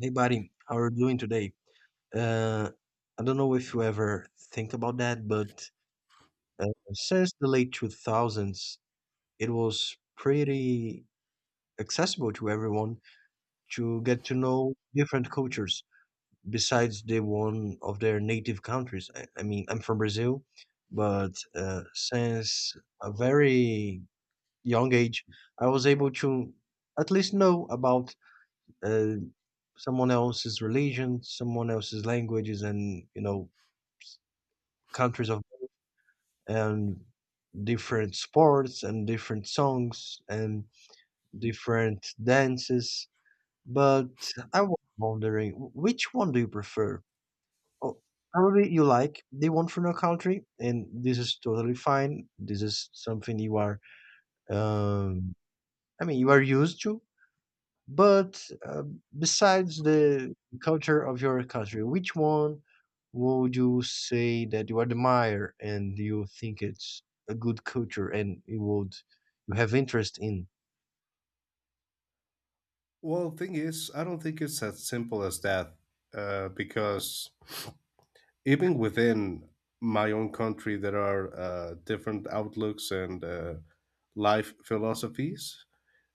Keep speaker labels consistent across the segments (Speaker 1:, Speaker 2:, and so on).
Speaker 1: Hey buddy, how are you doing today? Uh, I don't know if you ever think about that, but uh, since the late 2000s, it was pretty accessible to everyone to get to know different cultures besides the one of their native countries. I mean, I'm from Brazil, but since a very young age, I was able to at least know about uh, someone else's religion, someone else's languages, and countries of and different sports and different songs and different dances. But I was wondering, which one do you prefer? Oh, probably you like the one from your country, and this is totally fine. This is something you are, um, I mean, you are used to. But besides the culture of your country, which one would you say that you admire and you think it's a good culture and you would you have interest in?
Speaker 2: Well, thing is, I don't think it's as simple as that, because even within my own country, there are different outlooks and life philosophies.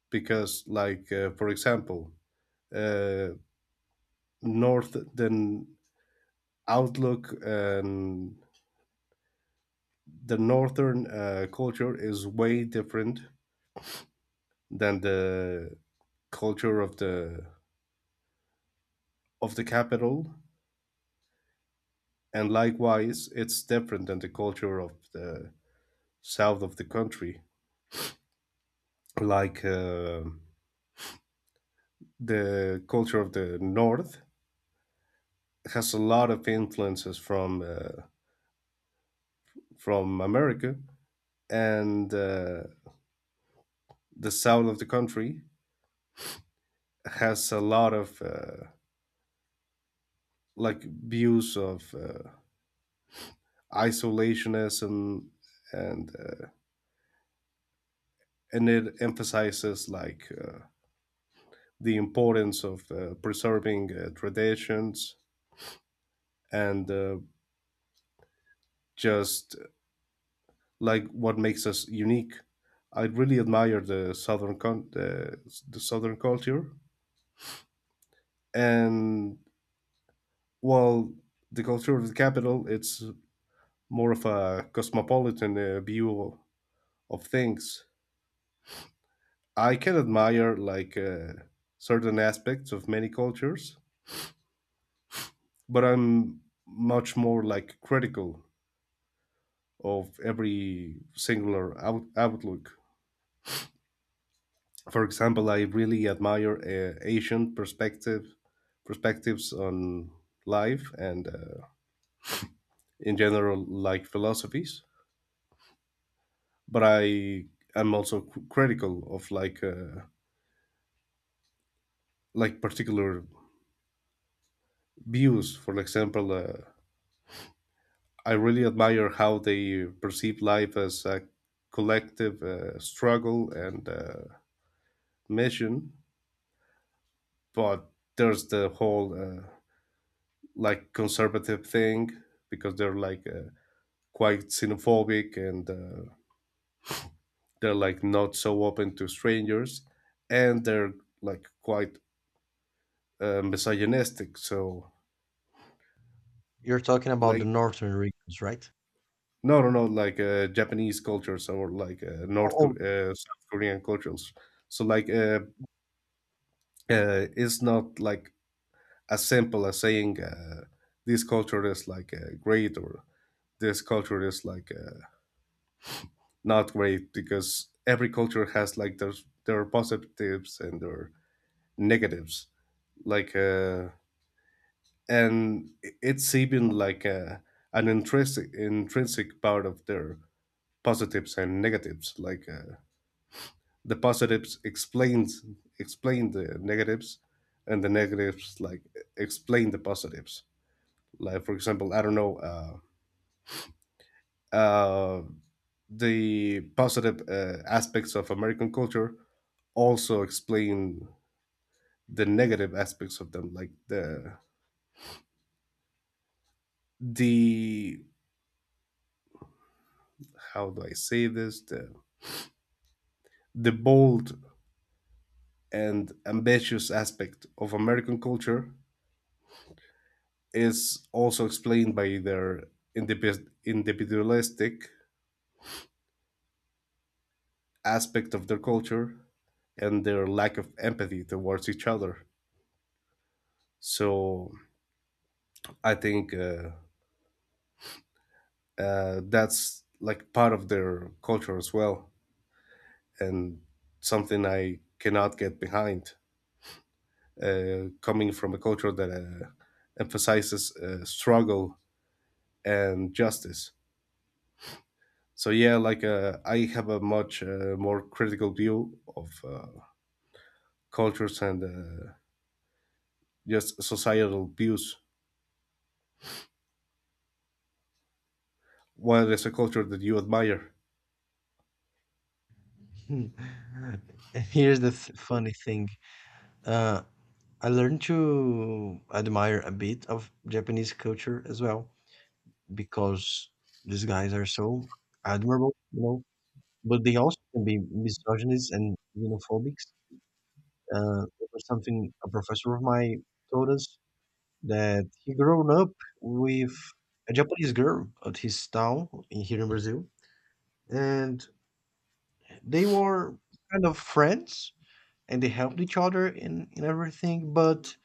Speaker 2: Because, like, for example, uh, North then outlook and the northern culture is way different than the culture of the capital, and likewise, it's different than the culture of the south of the country, like the culture of the north has a lot of influences from America, and the south of the country has a lot of like views of isolationism, and and it emphasizes like the importance of preserving traditions and just like what makes us unique. I really admire the southern culture, and while the culture of the capital, it's more of a cosmopolitan view of things. I can admire like certain aspects of many cultures, but I'm much more like critical of every singular outlook. For example, I really admire Asian perspectives on life and in general like philosophies. But I am also critical of like particular views. For example, I really admire how they perceive life as a collective struggle and mission. But there's the whole like conservative thing because they're like, quite xenophobic and they're like not so open to strangers, and they're like quite misogynistic, so
Speaker 1: You're talking about the
Speaker 2: like
Speaker 1: northern regions, right?
Speaker 2: no, no, no, like Japanese cultures or like
Speaker 1: Oh,
Speaker 2: South Korean cultures. So like it's not like as simple as saying this culture is like great or this culture is like not great, because every culture has like their positives and their negatives, like and it's even like an intrinsic part of their positives and negatives, like the positives explain the negatives and the negatives like explain the positives. Like for example, I don't know, uh, the positive aspects of American culture also explain the negative aspects of them, like the how do I say this the bold and ambitious aspect of American culture is also explained by their individualistic aspect of their culture and their lack of empathy towards each other. So I think, that's like part of their culture as well, and something I cannot get behind. Coming from a culture that emphasizes struggle and justice. So yeah, like I have a much more critical view of cultures and just societal views. What is a culture that you admire?
Speaker 1: oh. Here's the funny thing. Uh, I learned to admire a bit of Japanese culture as well because these guys are so admirable, you know. But they also can be misogynist and xenophobics. It was something a professor of mine told us that he grown up with a Japanese girl at his town here in Brazil, and they were kind of friends and they helped each other in everything. But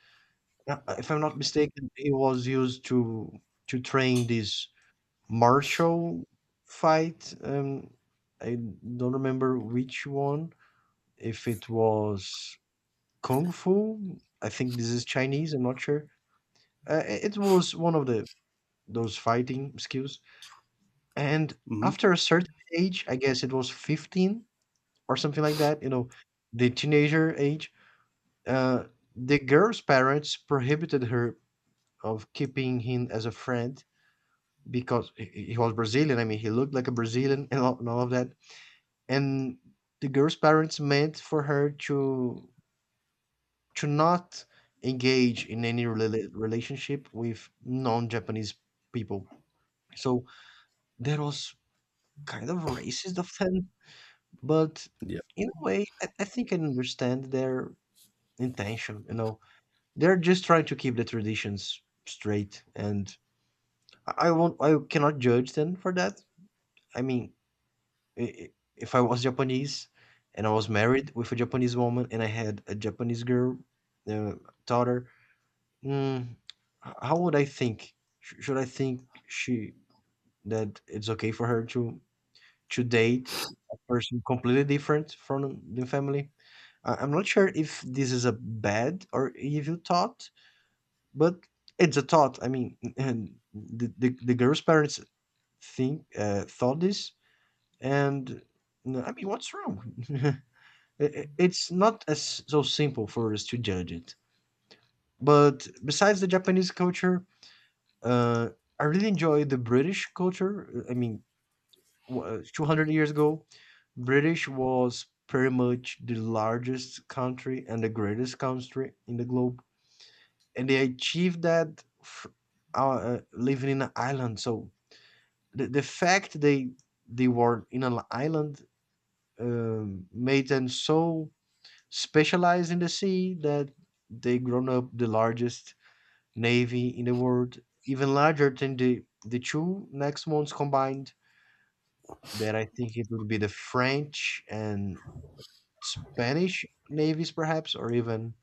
Speaker 1: if I'm not mistaken, it was used to train this martial fight. I don't remember which one if it was Kung Fu, I think this is Chinese, I'm not sure. It was one of the those fighting skills. And
Speaker 2: Hmm.
Speaker 1: after a certain age, I guess it was 15 or something like that, you know, the teenager age, uh, the girl's parents prohibited her of keeping him as a friend because he was Brazilian. I mean, he looked like a Brazilian and all of that. And the girl's parents meant for her to not engage in any relationship with non-Japanese people. So that was kind of racist of them, but
Speaker 2: Yeah.
Speaker 1: in a way, I think I understand their intention. You know, they're just trying to keep the traditions straight, and I won't. I cannot judge them for that. I mean, i- i- if I was Japanese and I was married with a Japanese woman and I had a Japanese girl, uh, daughter, Mm, how would I think? Should I think she that it's okay for her to date a person completely different from the family? I'm not sure if this is a bad or evil thought, but it's a thought. I mean, and the girl's parents think thought this, and no, I mean, what's wrong? It's not as so simple for us to judge it. But besides the Japanese culture, Uh, I really enjoy the British culture. I mean, 200 years ago, British was pretty much the largest country and the greatest country in the globe, and they achieved that living in an island. So the fact they were in an island made them so specialized in the sea that they grown up the largest navy in the world, even larger than the two next ones combined. That I think it would be the French and Spanish navies, perhaps, or even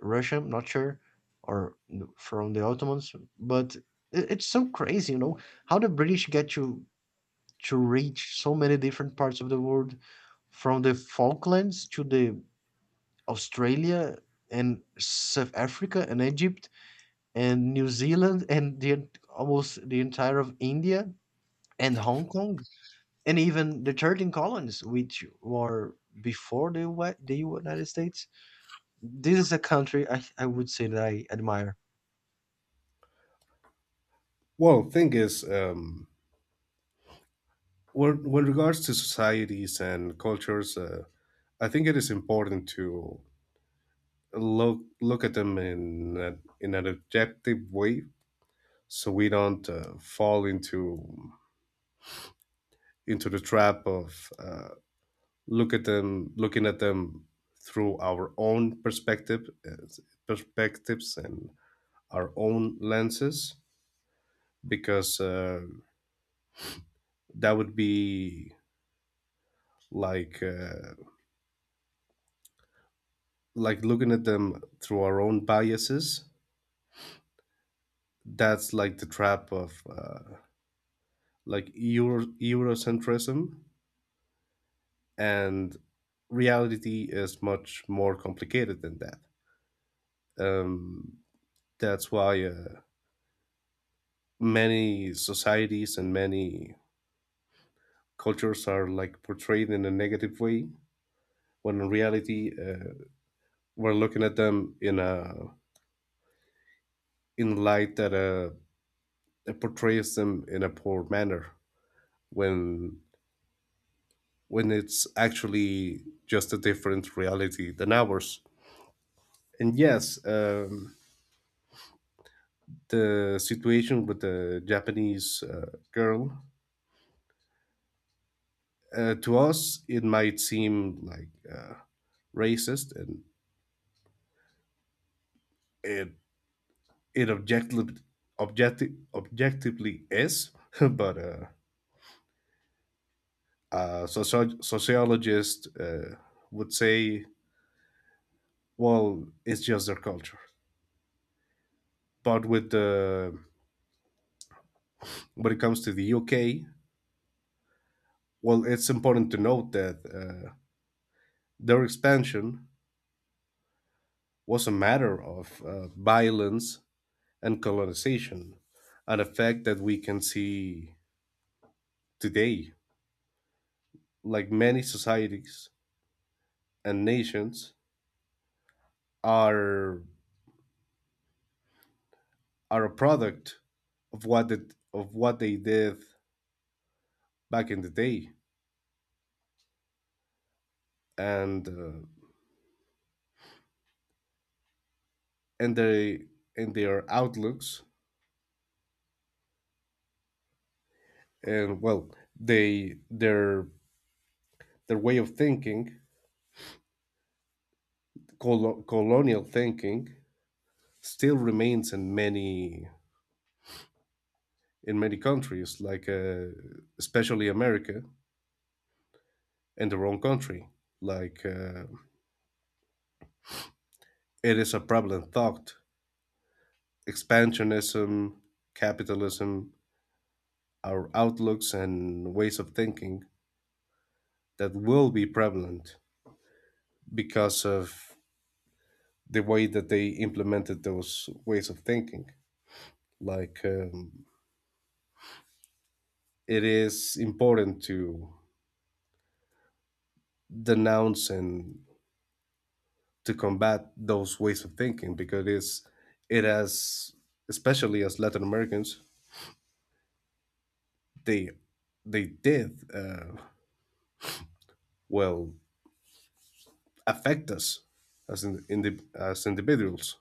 Speaker 1: Russian, not sure, or from the Ottomans. But it's so crazy, you know, how the British get to reach so many different parts of the world, from the Falklands to the Australia and South Africa and Egypt and New Zealand and almost the entire of India and Hong Kong and even the 13 colonies which were before the United States. This is a country I would say that I admire.
Speaker 2: Well, thing is, when regards to societies and cultures, I think it is important to look at them in an objective way, so we don't fall into the trap of looking at them through our own perspectives and our own lenses, because that would be like uh, like looking at them through our own biases. That's like the trap of like Eurocentrism, and reality is much more complicated than that. um, that's why many societies and many cultures are like portrayed in a negative way, when in reality we're looking at them in a in light that it portrays them in a poor manner, when it's actually just a different reality than ours. And yes, the situation with the Japanese girl, to us it might seem like racist, and it it objectively, objectively is, but sociologists would say, well, it's just their culture. But with the when it comes to the UK, well, it's important to note that their expansion was a matter of violence and colonization, an effect that we can see today. Like, many societies and nations are are a product of of what they did back in the day, and and they, and their outlooks, and well, they their way of thinking, colonial thinking, still remains in many countries, like especially America and their own country. Like it is a prevalent thought: expansionism, capitalism, our outlooks and ways of thinking, that will be prevalent because of the way that they implemented those ways of thinking. Like, it is important to denounce and to combat those ways of thinking, because it's, it has, especially as Latin Americans, they they did, well, affect us as in, as individuals.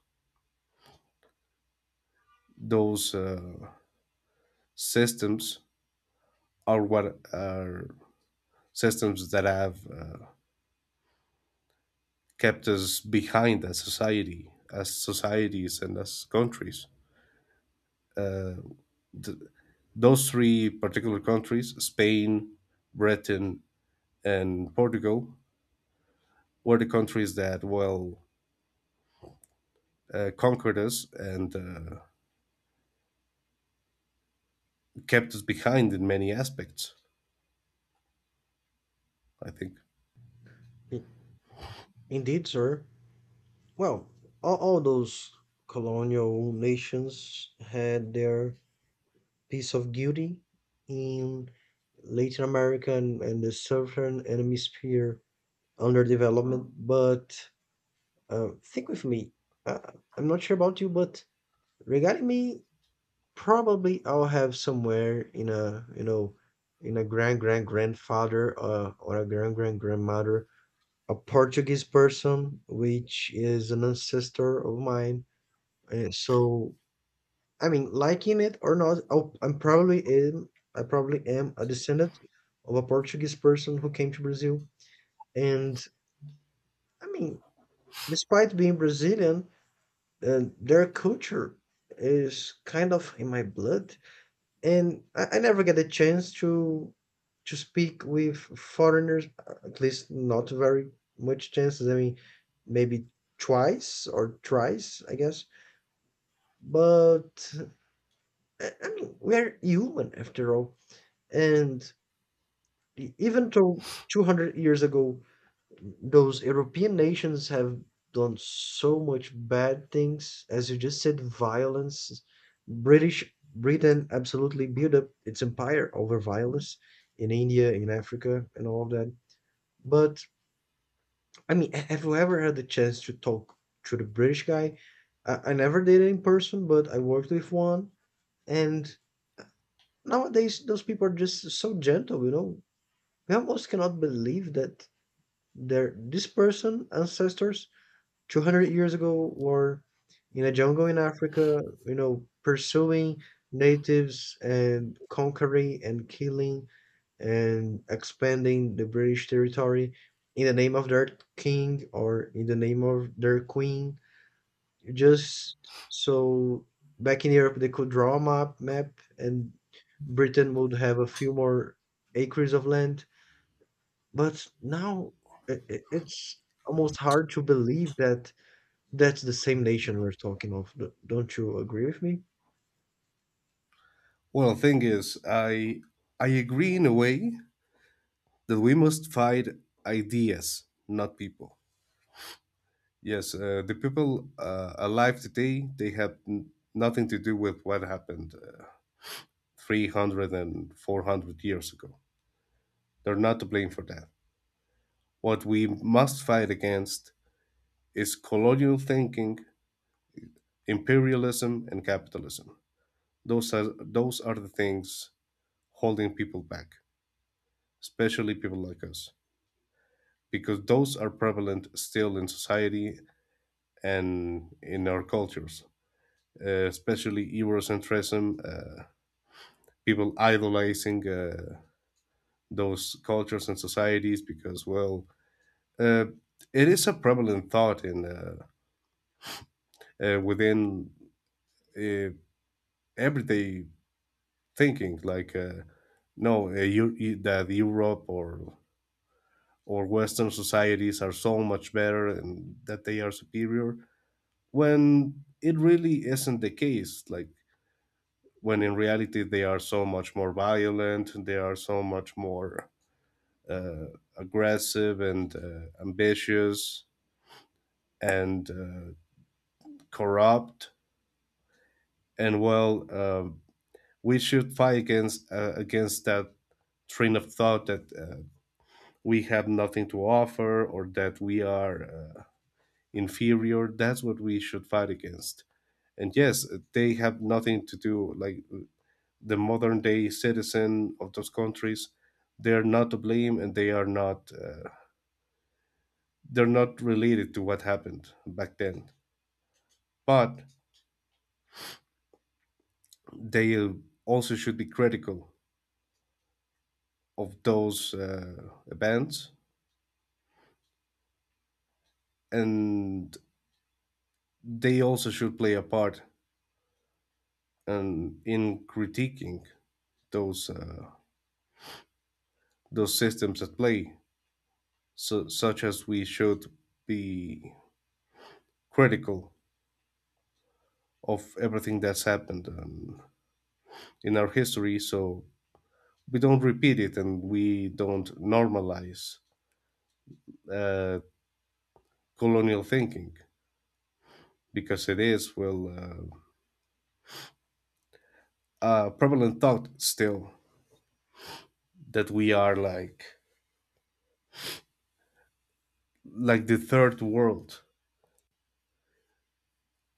Speaker 2: Those systems are, what are systems that have kept us behind as society, as societies and as countries. Those three particular countries, Spain, Britain, and Portugal, were the countries that, well, conquered us and kept us behind in many aspects, I think.
Speaker 1: I- Indeed, sir. Well, all those colonial nations had their piece of guilty in Latin America and the southern hemisphere under development, but think with me. Uh, I'm not sure about you, but regarding me, probably I'll have somewhere in a in a grandfather or a grandmother, a Portuguese person, which is an ancestor of mine. So I mean, liking it or not, I probably am a descendant of a Portuguese person who came to Brazil, and I mean, despite being Brazilian. And their culture is kind of in my blood and I never get a chance to speak with foreigners, at least not very much chances. I mean, maybe twice or thrice, I guess, but I mean we're human after all, and even though 200 years ago those European nations have done so much bad things, as you just said, violence. British Britain absolutely built up its empire over violence in India, in Africa, and all of that. But I mean, have you ever had the chance to talk to the British guy? I never did it in person, but I worked with one, and nowadays those people are just so gentle. You know, we almost cannot believe that their this person ancestors 200 years ago were in a jungle in Africa, you know, pursuing natives and conquering and killing and expanding the British territory in the name of their king or in the name of their queen. Just so back in Europe, they could draw a map and Britain would have a few more acres of land. But now it's almost hard to believe that that's the same nation we're talking of. Don't you agree with me?
Speaker 2: Well, the thing is, I agree in a way that we must fight ideas, not people. Yes, the people alive today, they have nothing to do with what happened 300 and 400 years ago. They're not to blame for that. What we must fight against is colonial thinking, imperialism, and capitalism. Those are the things holding people back, especially people like us, because those are prevalent still in society and in our cultures, especially Eurocentrism, people idolizing those cultures and societies, because, well, Uh, it is a prevalent thought in, within uh, everyday thinking, like no, that Europe or Western societies are so much better and that they are superior, when it really isn't the case. Like, when in reality they are so much more violent, they are so much more uh, aggressive and ambitious and corrupt, and, well, we should fight against, against that train of thought that we have nothing to offer or that we are inferior. That's what we should fight against. And yes, they have nothing to do. Like, the modern day citizen of those countries, they are not to blame, and they're not related to what happened back then. But they also should be critical of those events, and they also should play a part, in critiquing those, systems at play, so, such as we should be critical of everything that's happened, in our history, so we don't repeat it and we don't normalize, uh, colonial thinking, because it is, well, a prevalent thought still, that we are like the third world.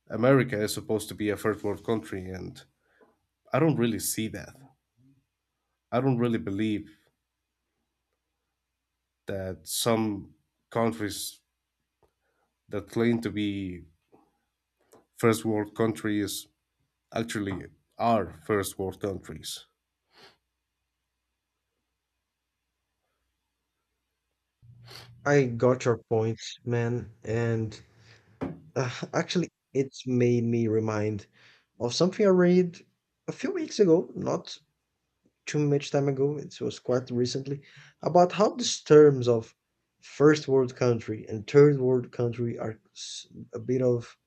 Speaker 2: America is supposed to be a third world country, and I don't really see that. I don't really believe that some countries that claim to be first world countries actually are first world countries.
Speaker 1: I got your point, man. And actually, it's made me remind of something I read a few weeks ago, not too much time ago, it was quite recently, about how these terms of first world country and third world country are a bit of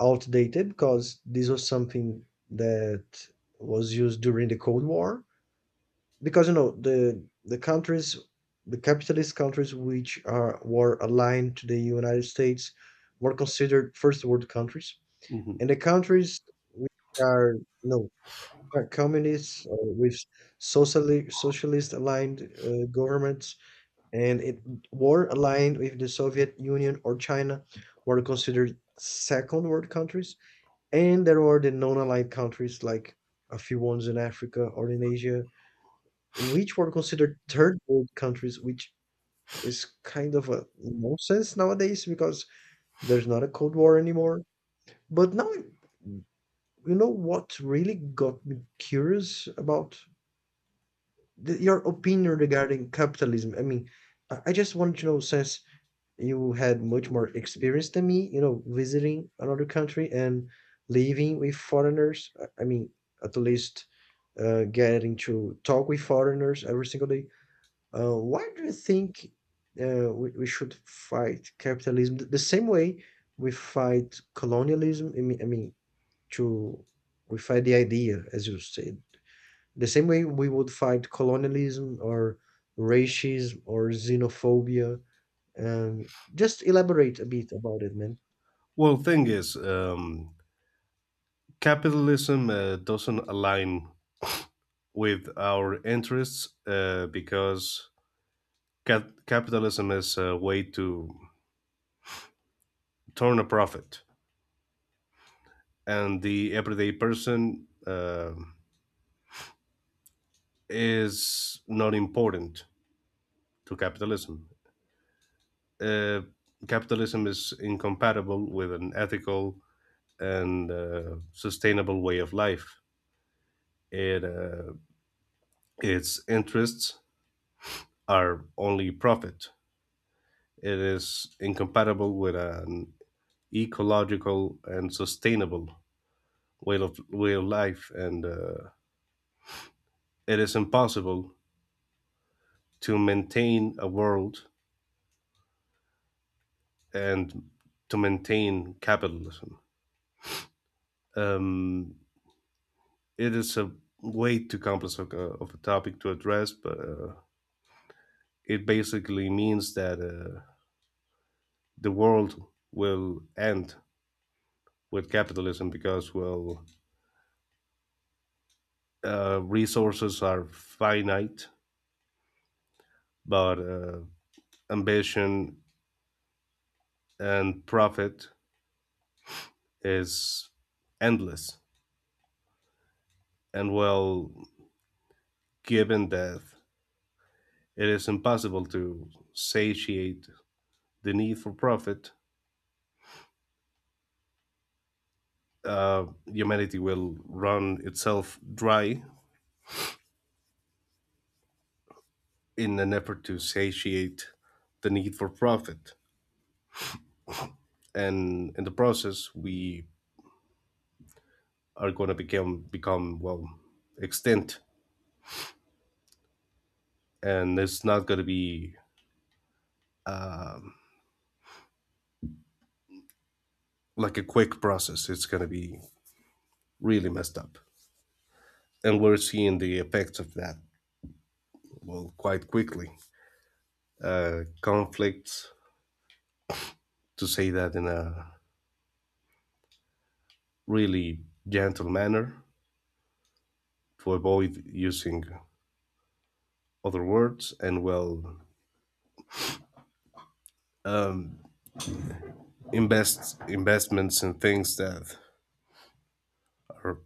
Speaker 1: outdated because this was something that was used during the Cold War, because you know the countries, the capitalist countries which are were aligned to the United States were considered first world countries,
Speaker 2: Hmm.
Speaker 1: and the countries which are, you know, are communists or with socially socialist aligned governments, and it were aligned with the Soviet Union or China, were considered second world countries, and there were the non-aligned countries like a few ones in Africa or in Asia, which were considered third world countries, which is kind of a nonsense nowadays because there's not a Cold War anymore. But now, you know what really got me curious about your opinion regarding capitalism? I mean, I just wanted to know since you had much more experience than me, you know, visiting another country and living with foreigners. I mean, at least getting to talk with foreigners every single day. Why do you think we should fight capitalism the same way we fight colonialism? I mean, to we fight the idea, as you said, the same way we would fight colonialism or racism or xenophobia. Um, just elaborate a bit about it, man.
Speaker 2: Well, thing is, capitalism doesn't align with our interests, because capitalism is a way to turn a profit, and the everyday person is not important to capitalism. Uh, capitalism is incompatible with an ethical and sustainable way of life. It, its interests are only profit. It is incompatible with an ecological and sustainable way of life, and it is impossible to maintain a world and to maintain capitalism. Um, it is a way too complex of a topic to address, but it basically means that the world will end with capitalism because, well, resources are finite, but ambition and profit is endless. And, well, given that it is impossible to satiate the need for profit, humanity will run itself dry in an effort to satiate the need for profit. And in the process, we are going to become well, extinct, and it's not going to be like a quick process. It's going to be really messed up, and we're seeing the effects of that, well, quite quickly. Conflicts, to say that in a really gentle manner, to avoid using other words, and, well, um, investments in things that are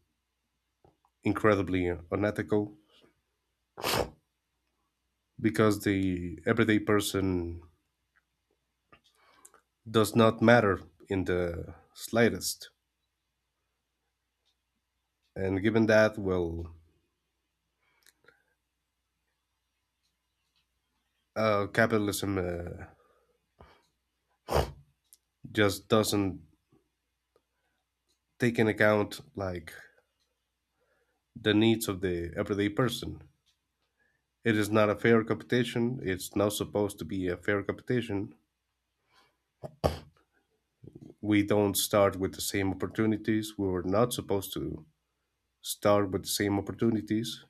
Speaker 2: incredibly unethical, because the everyday person does not matter in the slightest. And given that, well, capitalism just doesn't take in account like the needs of the everyday person. It is not a fair competition. It's not supposed to be a fair competition. We don't start with the same opportunities. We were not supposed to start with the same opportunities.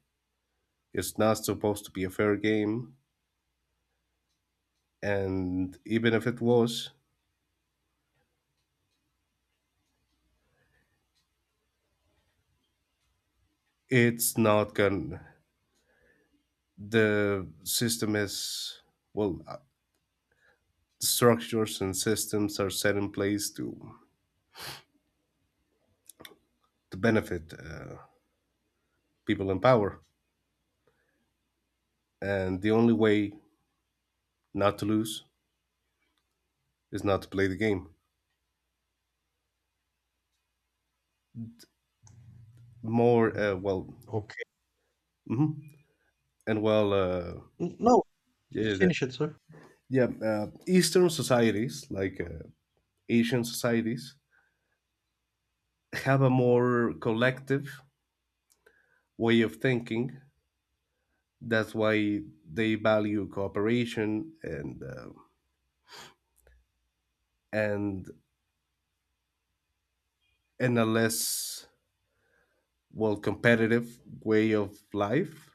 Speaker 2: It's not supposed to be a fair game. And even if it was, it's not going to. The system is, well, structures and systems are set in place to benefit people in power, and the only way not to lose is not to play the game, more well.
Speaker 1: Okay.
Speaker 2: Mhm. And, well,
Speaker 1: No,
Speaker 2: yeah,
Speaker 1: just
Speaker 2: yeah.
Speaker 1: finish it, sir.
Speaker 2: Yeah, eastern societies, like Asian societies, have a more collective way of thinking. That's why they value cooperation and, and and a less, well, competitive way of life,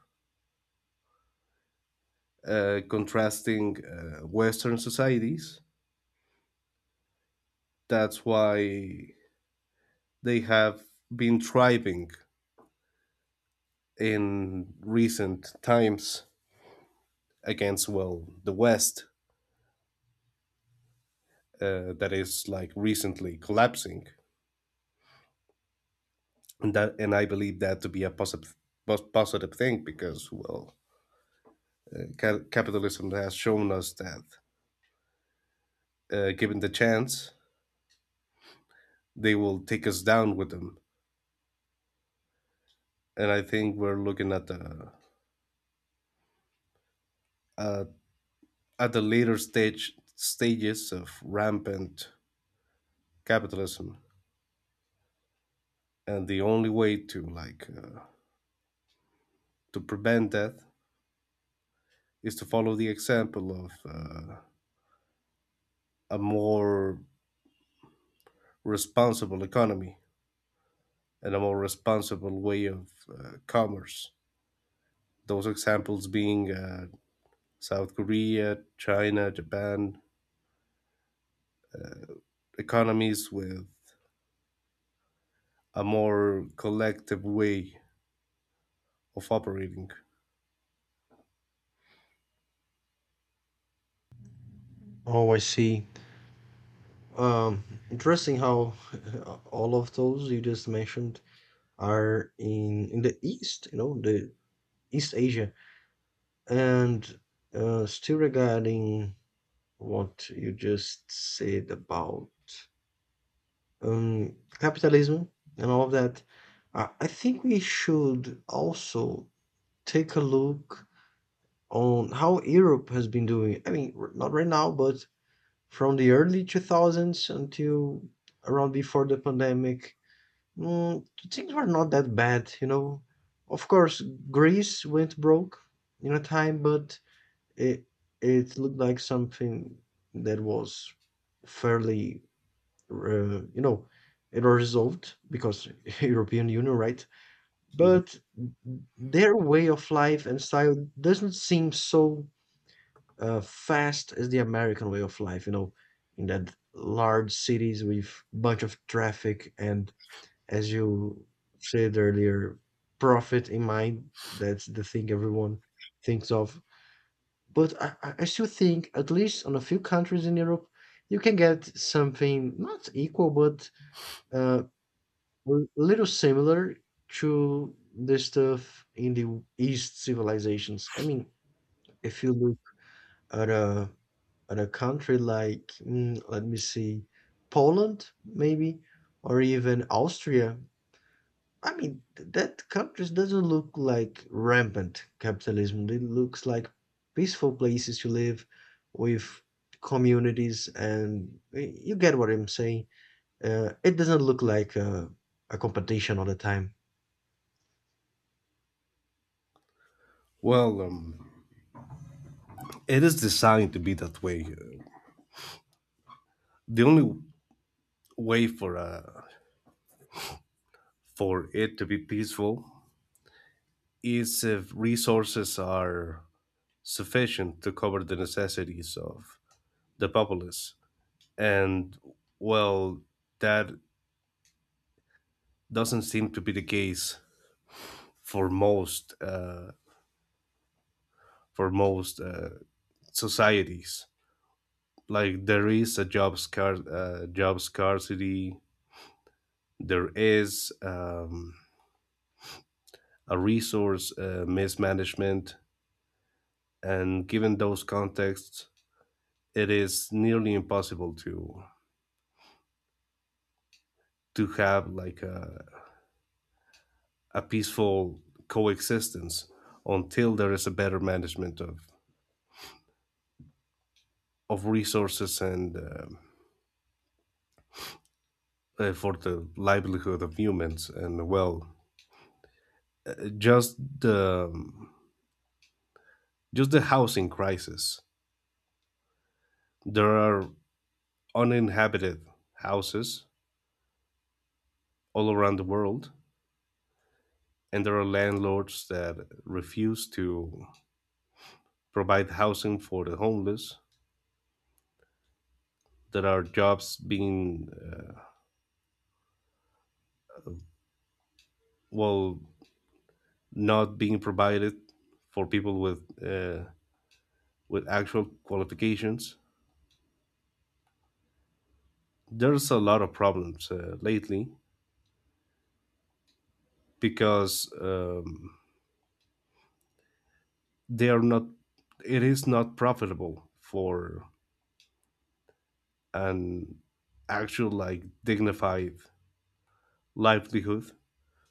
Speaker 2: contrasting Western societies. That's why they have been thriving in recent times against, well, the West, that is like recently collapsing, and that and I believe that to be a positive, thing, because, well, capitalism has shown us that, given the chance, they will take us down with them. And I think we're looking at uh, the later stages of rampant capitalism, and the only way to, like, to prevent that is to follow the example of a more responsible economy and a more responsible way of, commerce, those examples being, South Korea, China, Japan, economies with a more collective way of operating.
Speaker 1: Oh, I see. Um, Interesting how all of those you just mentioned are in the East, you know, the East Asia, and still regarding what you just said about capitalism and all of that, I think we should also take a look on how Europe has been doing. I mean, not right now, but from the early 2000s until around before the pandemic, mm, things were not that bad, you know. Of course, Greece went broke in a time, but it it looked like something that was fairly, you know, it was resolved because European Union, right?
Speaker 2: Mhm.
Speaker 1: But their way of life and style doesn't seem so fast is the American way of life, you know, in that large cities with bunch of traffic and as you said earlier, profit in mind. That's the thing everyone thinks of. But I still think, at least on a few countries in Europe, you can get something not equal, but uh, a little similar to the stuff in the East civilizations. I mean, if you look at but a country like, let me see, Poland maybe, or even Austria. I mean, that countries doesn't look like rampant capitalism. It looks like peaceful places to live with communities, and you get what I'm saying. It doesn't look like a competition all the time.
Speaker 2: Well, it is designed to be that way. The only way for it to be peaceful is if resources are sufficient to cover the necessities of the populace, and, well, that doesn't seem to be the case for most societies. Like, there is a job scarcity, there is, a resource mismanagement, and given those contexts, it is nearly impossible to have like a peaceful coexistence, until there is a better management of resources and, for the livelihood of humans, and, well, just the just the housing crisis. There are uninhabited houses all around the world, and there are landlords that refuse to provide housing for the homeless. There are jobs being, well, not being provided for people with, with actual qualifications. There's a lot of problems lately, because, they are not. It is not profitable for an actual, like, dignified livelihood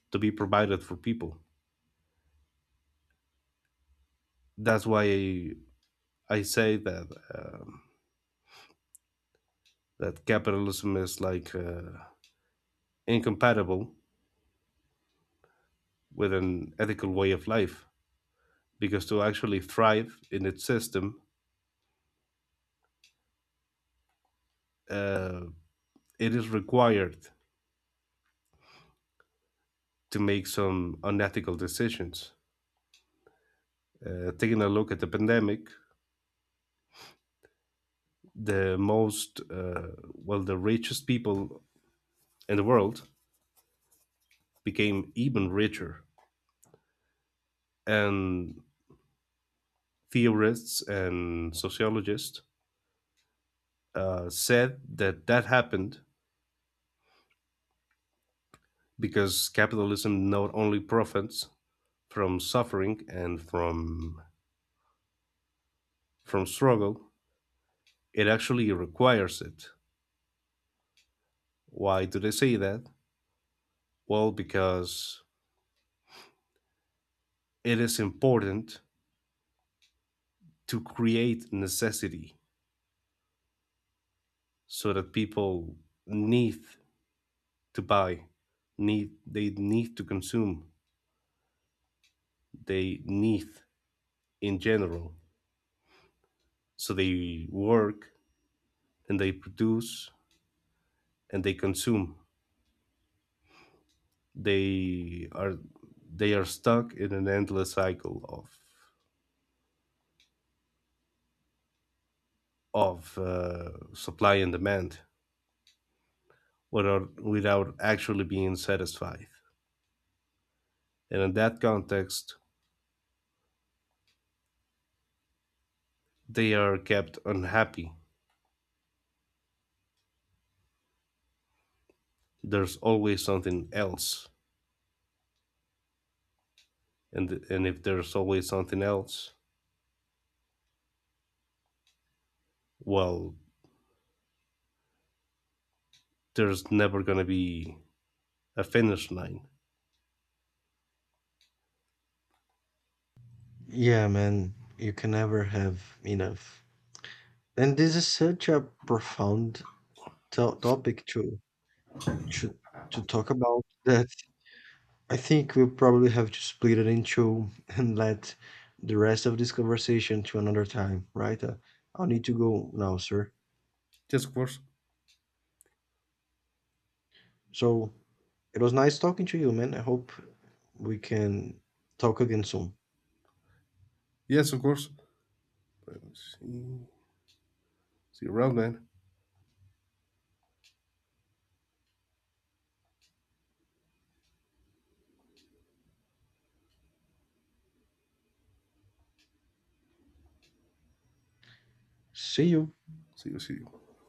Speaker 2: to be provided for people. That's why I say that, um that capitalism is like incompatible with an ethical way of life, because to actually thrive in its system, uh, it is required to make some unethical decisions. Taking a look at the pandemic, the most, well, the richest people in the world became even richer, and theorists and sociologists said that that happened because capitalism not only profits from suffering and from struggle, it actually requires it. Why do they say that? Well, because it is important to create necessity, so that people need to buy, need they need to consume, they need, in general. So they work and they produce and they consume, they are they are stuck in an endless cycle of, supply and demand, without actually being satisfied, and in that context they are kept unhappy. There's always something else, and if there's always something else, well, there's never going to be a finish line.
Speaker 1: Yeah, man, you can never have enough. And this is such a profound to topic to should to talk about that. I think we'll probably have to split it in two and let the rest of this conversation to another time, right? I'll need to go now, sir.
Speaker 2: Yes, of course.
Speaker 1: So it was nice talking to you, man. I hope we can talk again soon.
Speaker 2: Yes, of course. See you around, man.
Speaker 1: See you.
Speaker 2: See you. See you.